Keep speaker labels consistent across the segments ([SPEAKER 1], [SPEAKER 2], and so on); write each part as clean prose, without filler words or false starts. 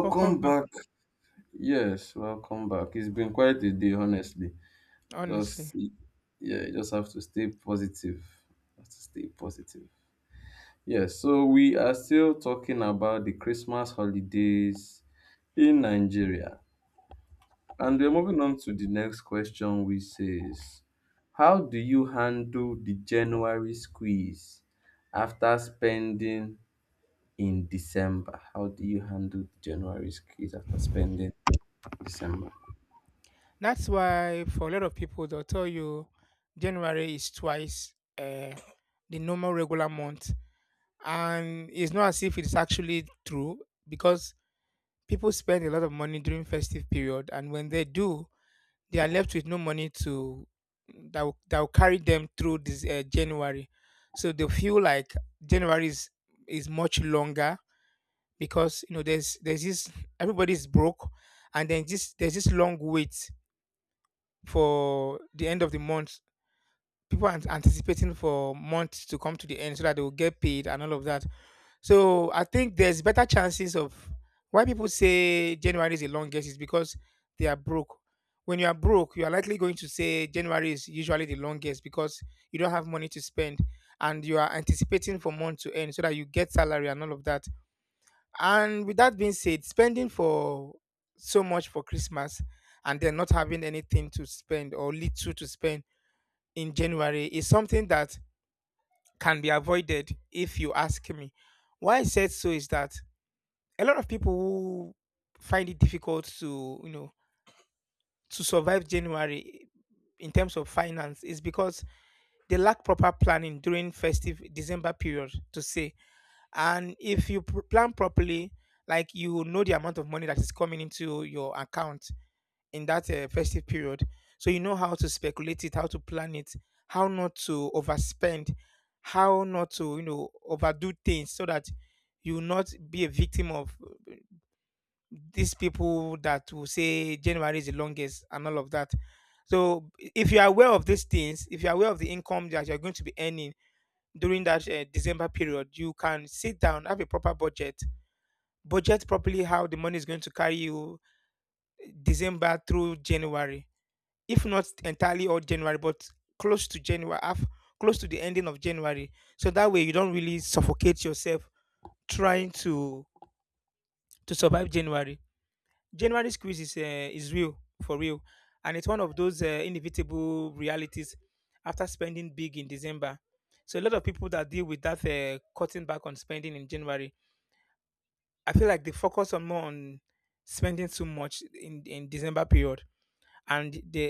[SPEAKER 1] Welcome back.
[SPEAKER 2] back. Yes, welcome back. It's been quite a day, honestly.
[SPEAKER 1] Honestly,
[SPEAKER 2] Just yeah, you just have to stay positive. Have to stay positive. Yes, so we are still talking about the Christmas holidays in Nigeria. And we're moving on to the next question, which says, how do you handle the January squeeze after spending in December? How do you handle the January squeeze after spending in December?
[SPEAKER 1] that's why for a lot of people they'll tell you January is twice the normal regular month, and it's not as if it's actually true because people spend a lot of money during festive period, and when they do, they are left with no money to that will carry them through this January, so they feel like January is much longer, because there's this, everybody's broke, and then this there's this long wait for the end of the month. People are anticipating for months to come to the end so that they will get paid and all of that. So I think there's better chances of why people say January is the longest is because they are broke. When you are broke, you are likely going to say January is usually the longest because you don't have money to spend and you are anticipating for month to end so that you get salary and all of that. And with that being said, spending for so much for Christmas and then not having anything to spend or little to spend in January is something that can be avoided if you ask me. Why I said so is that a lot of people who find it difficult to survive January in terms of finance is because they lack proper planning during festive December period to say. And if you plan properly, like, you know, the amount of money that is coming into your account in that festive period. So you know how to speculate it, how to plan it, how not to overspend, how not to overdo things, so that you will not be a victim of these people that will say January is the longest and all of that. So if you are aware of these things, if you are aware of the income that you're going to be earning during that December period, you can sit down, have a proper budget, budget properly how the money is going to carry you December through January, if not entirely all January, but close to January, half, close to the ending of January. So that way you don't really suffocate yourself trying to survive January. January squeeze is real for real, and it's one of those inevitable realities after spending big in December. So a lot of people that deal with that, cutting back on spending in January, I feel like they focus on more on spending too much in December period. And the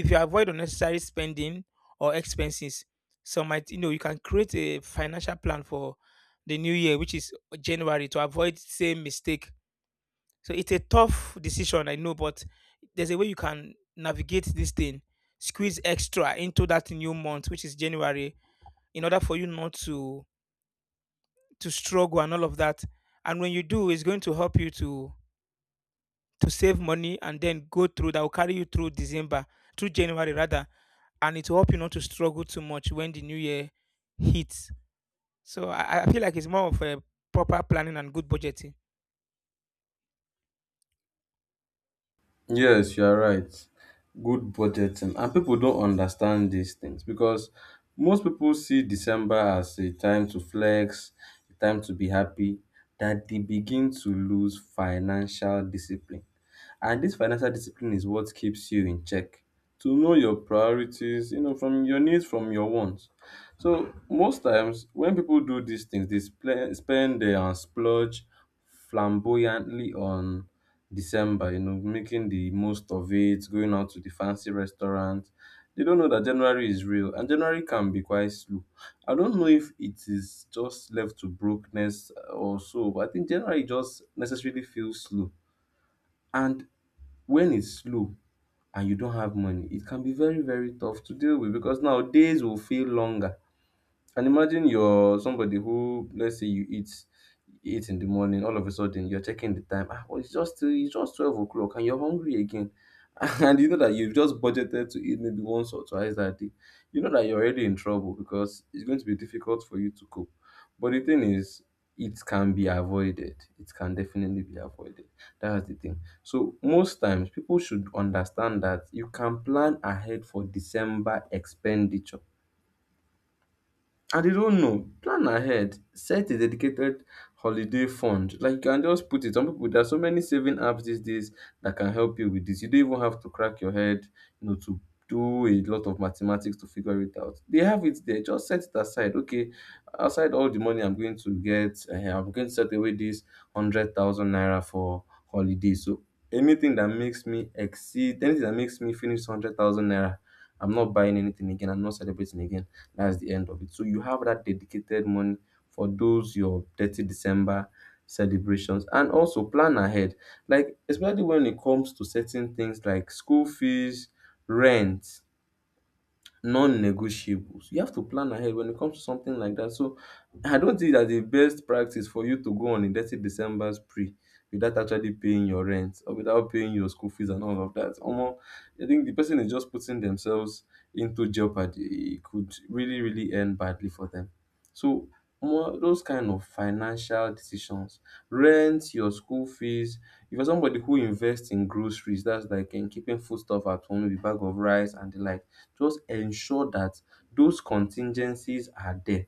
[SPEAKER 1] if you avoid unnecessary spending or expenses, so might, you can create a financial plan for the new year, which is January, to avoid same mistake. So it's a tough decision, I know, but there's a way you can navigate this thing, squeeze extra into that new month, which is January, in order for you not to struggle and all of that. And when you do, it's going to help you to save money, and then go through that will carry you through December through January rather, and it will help you not to struggle too much when the new year hits. So I feel like it's more of a proper planning and good budgeting.
[SPEAKER 2] Yes, you are right. Good budgeting. And people don't understand these things because most people see December as a time to flex, a time to be happy, that they begin to lose financial discipline. And this financial discipline is what keeps you in check. To know your priorities, you know, from your needs, from your wants. So most times when people do these things, they spend and splurge flamboyantly on December, you know, making the most of it, going out to the fancy restaurant. They don't know that January is real and January can be quite slow. I don't know if it is just left to brokenness or so, but I think January just necessarily feels slow. And when it's slow and you don't have money, it can be very, very tough to deal with because now days will feel longer and imagine you're somebody who, let's say you eat in the morning, all of a sudden you're checking the time. Ah, well, it's just 12 o'clock and you're hungry again. And you know that you've just budgeted to eat maybe once or twice that day. You know that you're already in trouble because it's going to be difficult for you to cope. But the thing is, it can be avoided. It can definitely be avoided. That's the thing. So most times people should understand that you can plan ahead for December expenditure. I They don't know. Plan ahead. Set a dedicated holiday fund. Like you can just put it. Some people, there are so many saving apps these days that can help you with this. You don't even have to crack your head, you know, to do a lot of mathematics to figure it out. They have it there. Just set it aside. Okay, outside all the money I'm going to get, eh, I'm going to set away this 100,000 naira for holiday. So anything that makes me finish 100,000 naira, I'm not buying anything again. I'm not celebrating again. That's the end of it. So you have that dedicated money for those your 30 December celebrations, and also plan ahead. Like especially when it comes to certain things like school fees, rent, non-negotiables. You have to plan ahead when it comes to something like that. So I don't think that the best practice for you to go on a dirty December spree without actually paying your rent or without paying your school fees and all of that. Omo, I think the person is just putting themselves into jeopardy. It could really, really end badly for them. So Omo, those kind of financial decisions, rent, your school fees, if you're somebody who invest in groceries, that's like in keeping foodstuff at home, maybe bag of rice and the like, just ensure that those contingencies are there,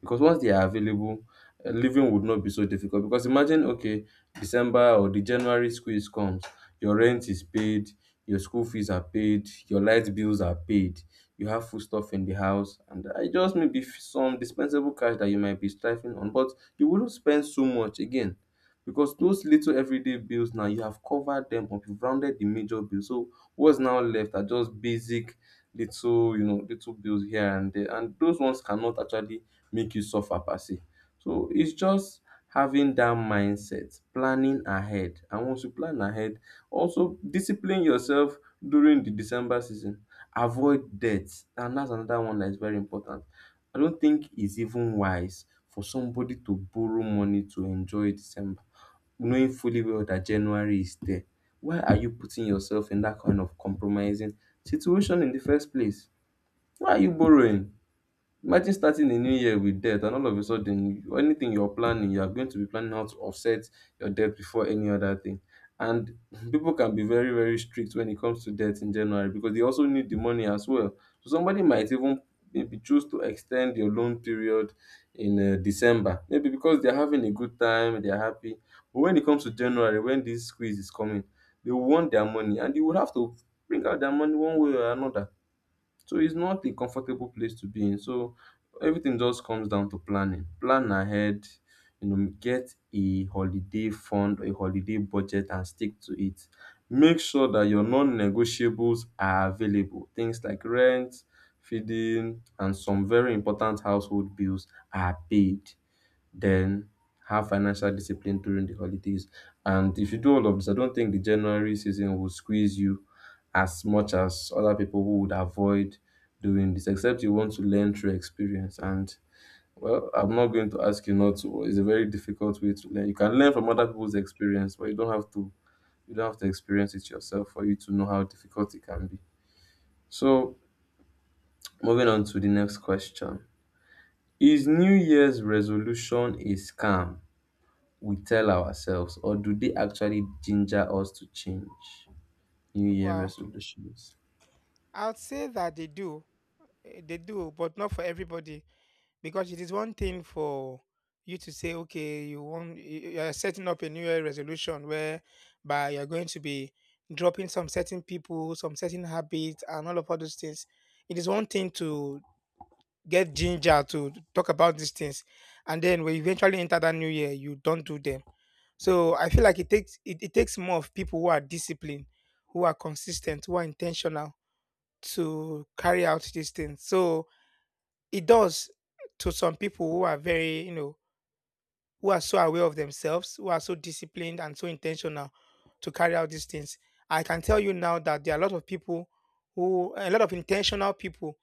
[SPEAKER 2] because once they are available, living would not be so difficult. Because imagine, okay, December or the January squeeze comes, your rent is paid, your school fees are paid, your light bills are paid, you have food stuff in the house, and just maybe some dispensable cash that you might be striving on, but you wouldn't spend so much again. Because those little everyday bills, now you have covered them up, you've rounded the major bills. So what's now left are just basic little, you know, little bills here and there. And those ones cannot actually make you suffer per se. So it's just having that mindset, planning ahead. And once you plan ahead, also discipline yourself during the December season. Avoid debts. And that's another one that is very important. I don't think it's even wise for somebody to borrow money to enjoy December, knowing fully well that January is there. Why are you putting yourself in that kind of compromising situation in the first place? Why are you borrowing? Imagine starting a new year with debt, and all of a sudden anything you're planning, you're going to be planning how to offset your debt before any other thing. And people can be very, very strict when it comes to debt in January because they also need the money as well. So somebody might even maybe choose to extend your loan period in December, maybe because they're having a good time, they're happy. But when it comes to January, when this squeeze is coming, they want their money and they would have to bring out their money one way or another. So it's not a comfortable place to be in. So everything just comes down to planning. Plan ahead, you know, get a holiday fund, a holiday budget, and stick to it. Make sure that your non negotiables are available. Things like rent, feeding, and some very important household bills are paid, then have financial discipline during the holidays. And if you do all of this, I don't think the January season will squeeze you as much as other people who would avoid doing this, except you want to learn through experience. And well, I'm not going to ask you not to. It's a very difficult way to learn. You can learn from other people's experience, but you don't have to experience it yourself for you to know how difficult it can be. So moving on to the next question. Is New Year's resolution a scam? We tell ourselves, or do they actually ginger us to change New Year
[SPEAKER 1] Well,
[SPEAKER 2] resolutions?
[SPEAKER 1] I'd say that they do. They do, but not for everybody. Because it is one thing for you to say, okay, you're setting up a new year resolution where by you're going to be dropping some certain people, some certain habits, and all those things. It is one thing to get ginger to talk about these things, and then when you eventually enter that new year you don't do them. So I feel like it takes more of people who are disciplined, who are consistent, who are intentional to carry out these things. So it does. To some people who are very, who are so aware of themselves, who are so disciplined and so intentional to carry out these things, I can tell you now that there are a lot of people, who a lot of intentional people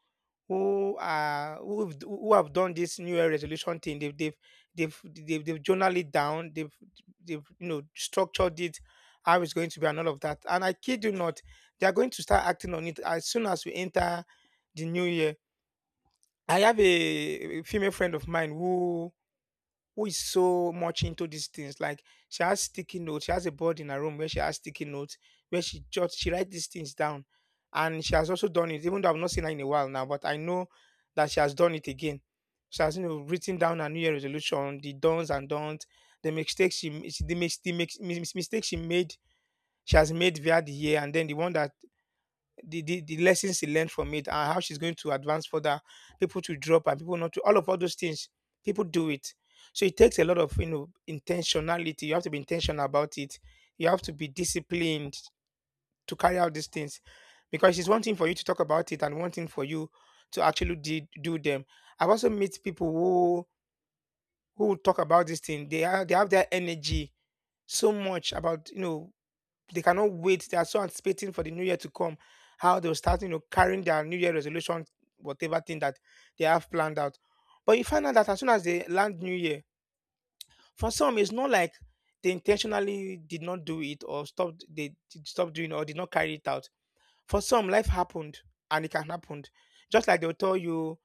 [SPEAKER 1] who have done this new year resolution thing. They've they've they've they've, they've journaled it down. They've structured it, how it's going to be and all of that. And I kid you not, they are going to start acting on it as soon as we enter the new year. I have a female friend of mine who is so much into these things. Like, she has sticky notes. She has a board in her room where she has sticky notes where she writes these things down, and she has also done it. Even though I've not seen her in a while now, but I know that she has done it again. She has written down her New Year resolution, the dons and don'ts, the mistakes she the mistakes she made. She has made via the year, and then the one that the lessons she learned from it, and how she's going to advance further, people to drop and people not to, all those things. People do it. So it takes a lot of, intentionality. You have to be intentional about it. You have to be disciplined to carry out these things. Because it's one thing for you to talk about it, and one thing for you to actually do them. I've also met people who talk about this thing. They have their energy so much about, they cannot wait. They are so anticipating for the new year to come, how they'll start, carrying their new year resolution, whatever thing that they have planned out. But you find out that as soon as they land new year, for some it's not like they intentionally did not do it or stopped, they did stop doing or did not carry it out. For some, life happened, and it can happen. Just like they'll tell you,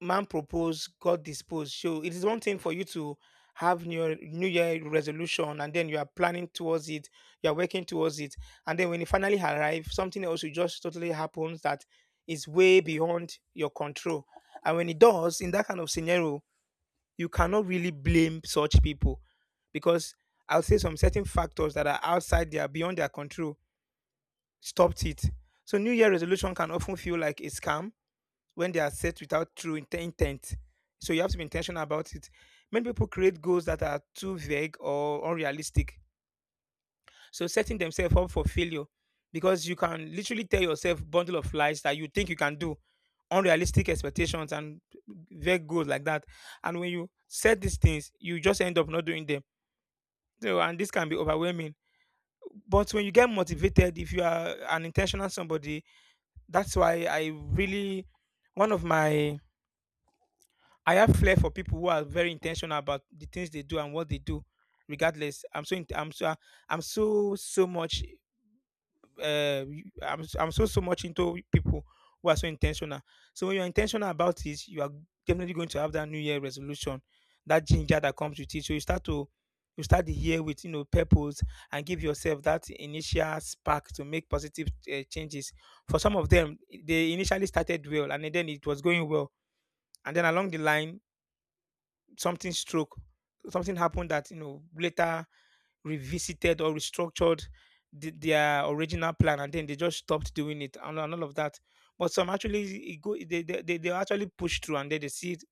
[SPEAKER 1] man propose, God dispose. So it is one thing for you to have your new year resolution, and then you are planning towards it, you are working towards it. And then when it finally arrives, something else will just totally happens that is way beyond your control. And when it does, in that kind of scenario, you cannot really blame such people, because I'll say some certain factors that are outside their beyond their control stopped it. So New Year resolution can often feel like a scam when they are set without true intent. So you have to be intentional about it. Many people create goals that are too vague or unrealistic, so setting themselves up for failure, because you can literally tell yourself bundle of lies that you think you can do, unrealistic expectations and vague goals like that. And when you set these things, you just end up not doing them. So, and this can be overwhelming. But when you get motivated, if you are an intentional somebody, that's why I really one of my I have flair for people who are very intentional about the things they do and what they do. Regardless, I'm so so much uh I'm so much into people who are so intentional. So when you're intentional about it, you are definitely going to have that New Year resolution, that ginger that comes with it. So you start the year with, purpose, and give yourself that initial spark to make positive changes. For some of them, they initially started well and then it was going well, and then along the line something stroke, something happened that you know later revisited or restructured their original plan, and then they just stopped doing it and all of that. But some actually it go they actually push through and then they see it,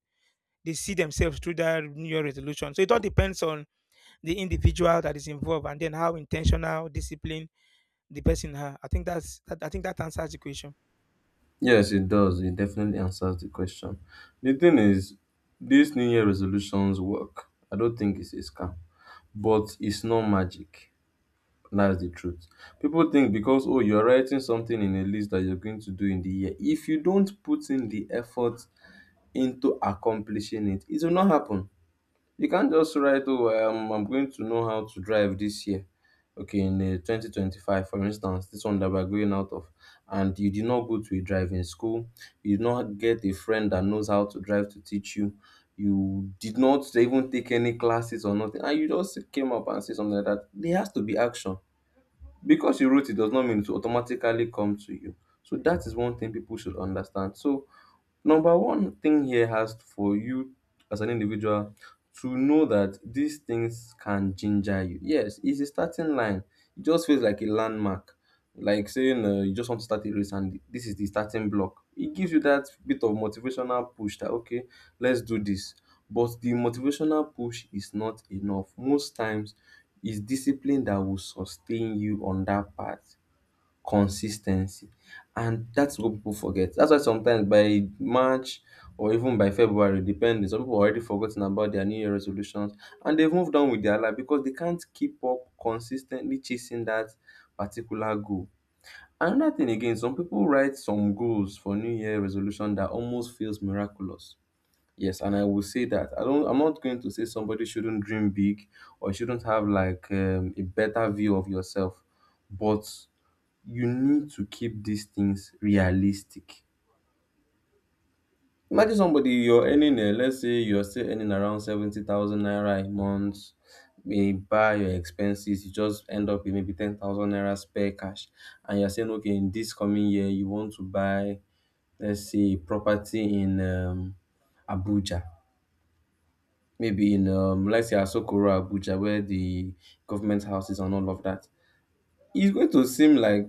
[SPEAKER 1] they see themselves through that New Year resolution. So it all depends on the individual that is involved and then how intentional discipline the person has. I think that answers the question.
[SPEAKER 2] Yes, it does. It definitely answers the question. The thing is, these New Year resolutions work. I don't think it's a scam, but it's not magic. That's the truth. People think because, oh, you're writing something in a list that you're going to do in the year, if you don't put in the effort into accomplishing it, it will not happen. You can't just write, oh, I'm going to know how to drive this year. Okay, in 2025, for instance, this one that we're going out of, and you did not go to a driving school, you did not get a friend that knows how to drive to teach you, you did not even take any classes or nothing, and you just came up and say something like that. There has to be action. Because you wrote it does not mean it will automatically come to you. So that is one thing people should understand. So number one thing here has for you as an individual to know that these things can ginger you. Yes, it's a starting line. It just feels like a landmark, like saying you just want to start a race and this is the starting block. It gives you that bit of motivational push that, okay, let's do this. But the motivational push is not enough. Most times, it's discipline that will sustain you on that path. Consistency, and that's what people forget. That's why sometimes by March or even by February, depending, some people already forgotten about their New Year resolutions and they've moved on with their life because they can't keep up consistently chasing that particular goal. Another thing again, some people write some goals for New Year resolution that almost feels miraculous. Yes, and I will say that I don't. I'm not going to say somebody shouldn't dream big or shouldn't have like a better view of yourself, but you need to keep these things realistic. Imagine somebody, you're earning, eh, let's say you're still earning around 70,000 naira a month, eh, buy your expenses, you just end up with maybe 10,000 naira spare cash, and you're saying, okay, in this coming year, you want to buy, let's say, property in Abuja, maybe in, let's say, Asokoro, Abuja, where the government houses and all of that. It's going to seem like,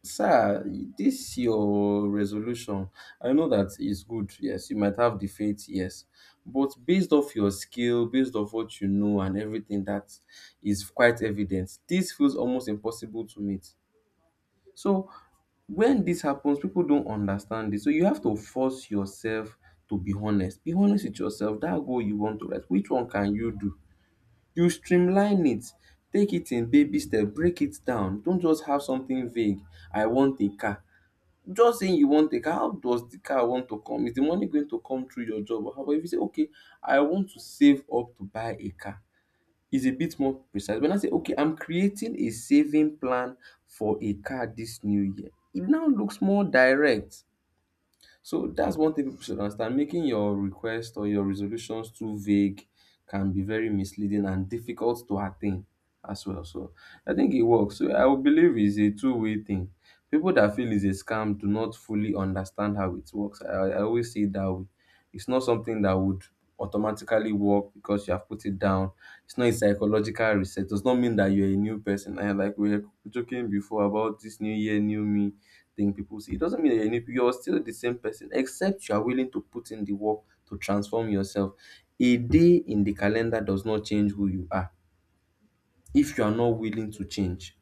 [SPEAKER 2] sir, this your resolution, I know that is good. Yes, you might have the faith, yes. But based off your skill, based off what you know and everything that is quite evident, this feels almost impossible to meet. So when this happens, people don't understand it. So you have to force yourself to be honest. Be honest with yourself. That goal you want to write, which one can you do? You streamline it. Take it in baby step, break it down. Don't just have something vague. I want a car. Just saying you want a car, how does the car want to come? Is the money going to come through your job? Or how about if you say, okay, I want to save up to buy a car? It's a bit more precise. When I say, okay, I'm creating a saving plan for a car this new year, it now looks more direct. So that's one thing people should understand. Making your request or your resolutions too vague can be very misleading and difficult to attain as well. So I think it works. So I would believe it's a two-way thing. People that feel it's a scam do not fully understand how it works. I always say it that way. It's not something that would automatically work because you have put it down. It's not a psychological reset. Does not mean that you're a new person. I like we were joking before about this new year, new me thing people see. It doesn't mean that you're still the same person, except you are willing to put in the work to transform yourself. A day in the calendar does not change who you are if you are not willing to change.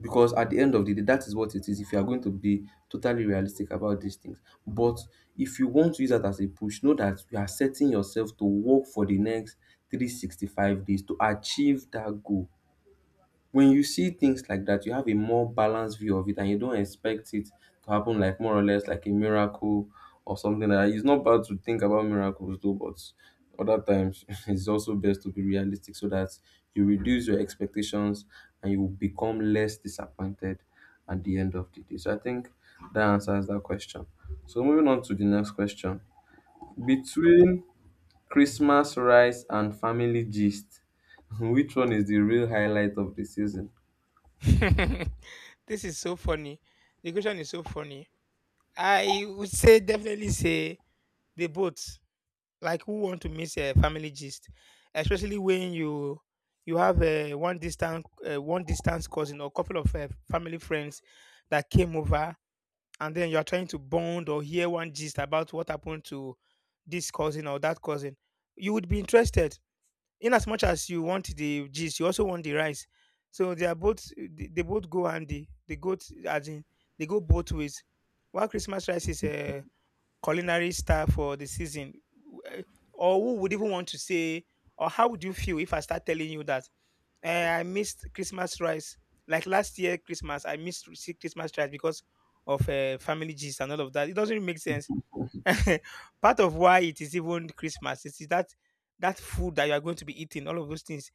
[SPEAKER 2] Because at the end of the day, that is what it is. If you are going to be totally realistic about these things, but if you want to use that as a push, know that you are setting yourself to work for the next 365 days to achieve that goal. When you see things like that, you have a more balanced view of it, and you don't expect it to happen like, more or less, like a miracle or something like that. It's not bad to think about miracles though, but other times it's also best to be realistic so that you reduce your expectations and you become less disappointed at the end of the day. So I think that answers that question. So moving on to the next question: between Christmas rice and family gist, which one is the real highlight of the season?
[SPEAKER 1] This is so funny, the question is so funny. I would say definitely say the both. Like, who want to miss a family gist, especially when you have a one distant, one distance cousin or couple of family friends that came over, and then you are trying to bond or hear one gist about what happened to this cousin or that cousin? You would be interested. In as much as you want the gist, you also want the rice. So they are both, they both go handy. They go t- as in they go both ways. While Christmas rice is culinary star for the season, eh, or who would even want to say, or how would you feel if I start telling you that, eh, I missed Christmas rice? Like, last year Christmas I missed see Christmas rice because of family gist and all of that? It doesn't really make sense. Part of why it is even Christmas is that that food that you are going to be eating, all of those things.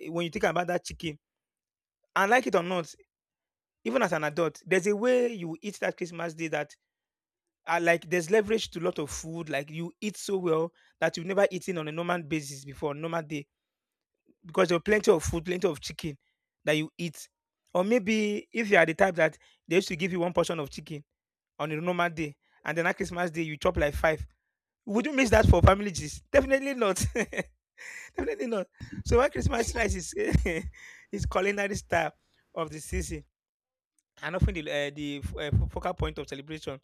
[SPEAKER 1] Eh, when you think about that chicken, and like it or not, even as an adult, there's a way you eat that Christmas day, that are like, there's leverage to a lot of food. Like, you eat so well that you've never eaten on a normal basis before, normal day, because there are plenty of food, plenty of chicken that you eat. Or maybe if you are the type that they used to give you one portion of chicken on a normal day, and then on Christmas day you chop like five. Would you miss that for family gist? Definitely not. Definitely not. So why, Christmas rice is is culinary star of the season and often the focal point of celebration.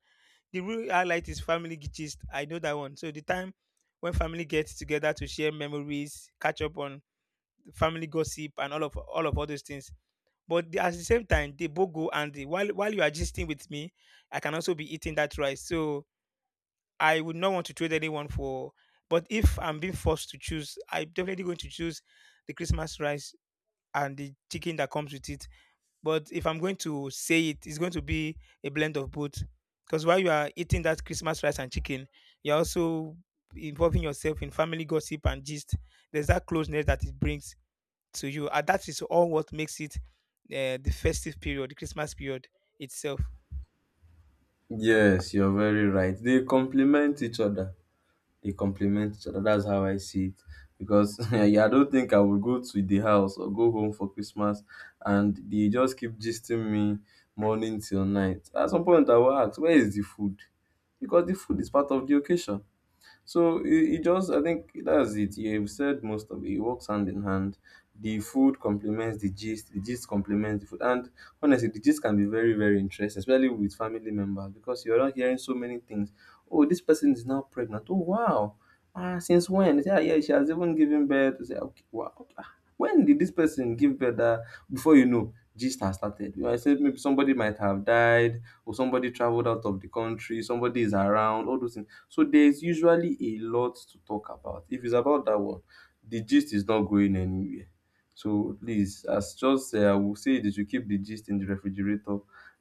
[SPEAKER 1] The real highlight is family gist. I know that one. So the time when family gets together to share memories, catch up on family gossip, and all those things. But the, at the same time, they both go. And the while you are gisting with me, I can also be eating that rice. So I would not want to trade anyone for. But if I'm being forced to choose, I'm definitely going to choose the Christmas rice and the chicken that comes with it. But if I'm going to say it, it's going to be a blend of both. Because while you are eating that Christmas rice and chicken, you're also involving yourself in family gossip and gist. There's that closeness that it brings to you, and that is all what makes it the festive period, the Christmas period itself.
[SPEAKER 2] Yes, you're very right. They complement each other. They complement each other. That's how I see it. Because yeah, I don't think I would go to the house or go home for Christmas and they just keep gisting me morning till night. At some point, I will ask, where is the food? Because the food is part of the occasion. So it just, I think that's it. You've said most of it. It works hand in hand. The food complements the gist complements the food. And honestly, the gist can be very, very interesting, especially with family members, because you're not hearing so many things. Oh, this person is now pregnant. Oh, wow. Ah, since when? They say, "Ah, yeah, she has even given birth." You say, okay, wow, okay. Ah, when did this person give birth? That, before you know, gist has started. You know, I said maybe somebody might have died, or somebody traveled out of the country, somebody is around, all those things. So there's usually a lot to talk about. If it's about that one, the gist is not going anywhere. So please, as just I will say that you keep the gist in the refrigerator,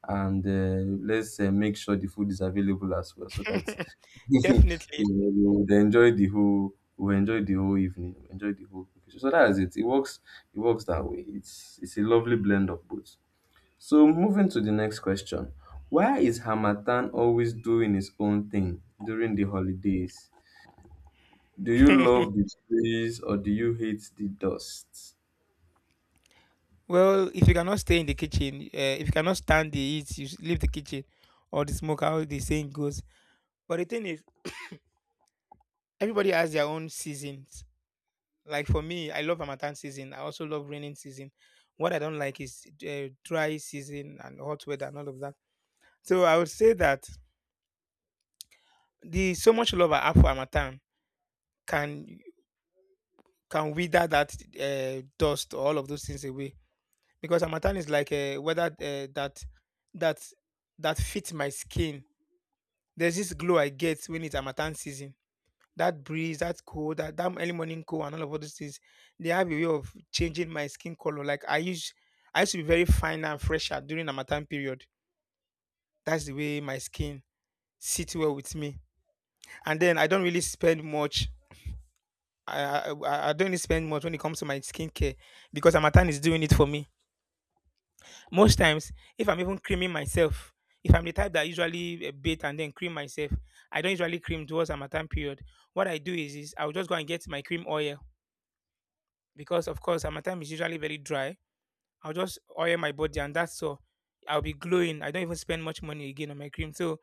[SPEAKER 2] and let's make sure the food is available as well, so that you know,
[SPEAKER 1] Definitely.
[SPEAKER 2] we enjoy the whole evening, we enjoy the whole occasion. So that is it. It works. It works that way. It's a lovely blend of both. So moving to the next question. Why is Hamatan always doing his own thing during the holidays? Do you love the trees or do you hate the dust?
[SPEAKER 1] Well, if you cannot stay in the kitchen, if you cannot stand the heat, you should leave the kitchen, or the smoke, how the saying goes. But the thing is, everybody has their own season. Like, for me, I love Harmattan season. I also love raining season. What I don't like is dry season and hot weather and all of that. So I would say that the so much love I have for Harmattan can can wither that dust or all of those things away, because Harmattan is like a weather that that fits my skin. There's this glow I get when it's Harmattan season, that breeze, that cold, that early morning cold, and all those things, they have a way of changing my skin color. I used to be very fine and fresher during Harmattan period. That's the way my skin sits well with me. And then I don't really spend much. I don't really spend much when it comes to my skincare, because Amatan is doing it for me. Most times, if I'm even creaming myself, if I'm the type that usually bathe and then cream myself, I don't usually cream towards Amatan period. What I do is I'll just go and get my cream oil, because of course my time is usually very dry. I'll just oil my body and that's all. I'll be glowing. I don't even spend much money again on my cream. So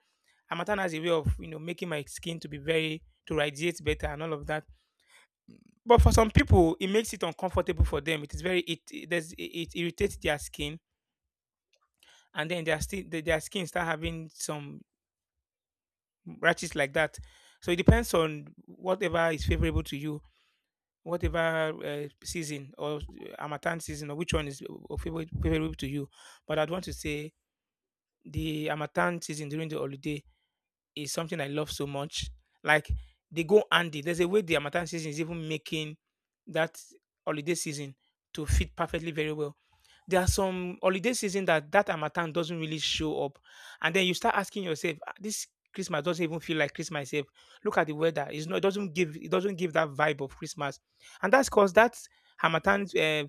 [SPEAKER 1] Amatan has a way of you know making my skin to be very, to radiate better and all of that. But for some people, it makes it uncomfortable for them. It is very it irritates their skin, and then their skin start having some rashes like that. So it depends on whatever is favorable to you, whatever season or Amatan season or which one is favorable to you. But I'd want to say the Amatan season during the holiday is something I love so much. Like, they go handy. There's a way the Amatan season is even making that holiday season to fit perfectly very well. There are some holiday season that that Harmattan doesn't really show up, and then you start asking yourself, "Ah, this Christmas doesn't even feel like Christmas." Sef. Look at the weather; it's not, it doesn't give, it doesn't give that vibe of Christmas, and that's because that Harmattan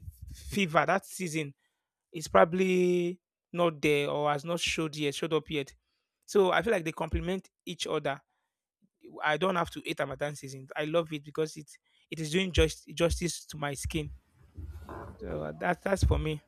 [SPEAKER 1] fever, that season, is probably not there or has not showed up yet. So I feel like they complement each other. I don't have to hate Ramadan season. I love it because it is doing just justice to my skin. So that's for me.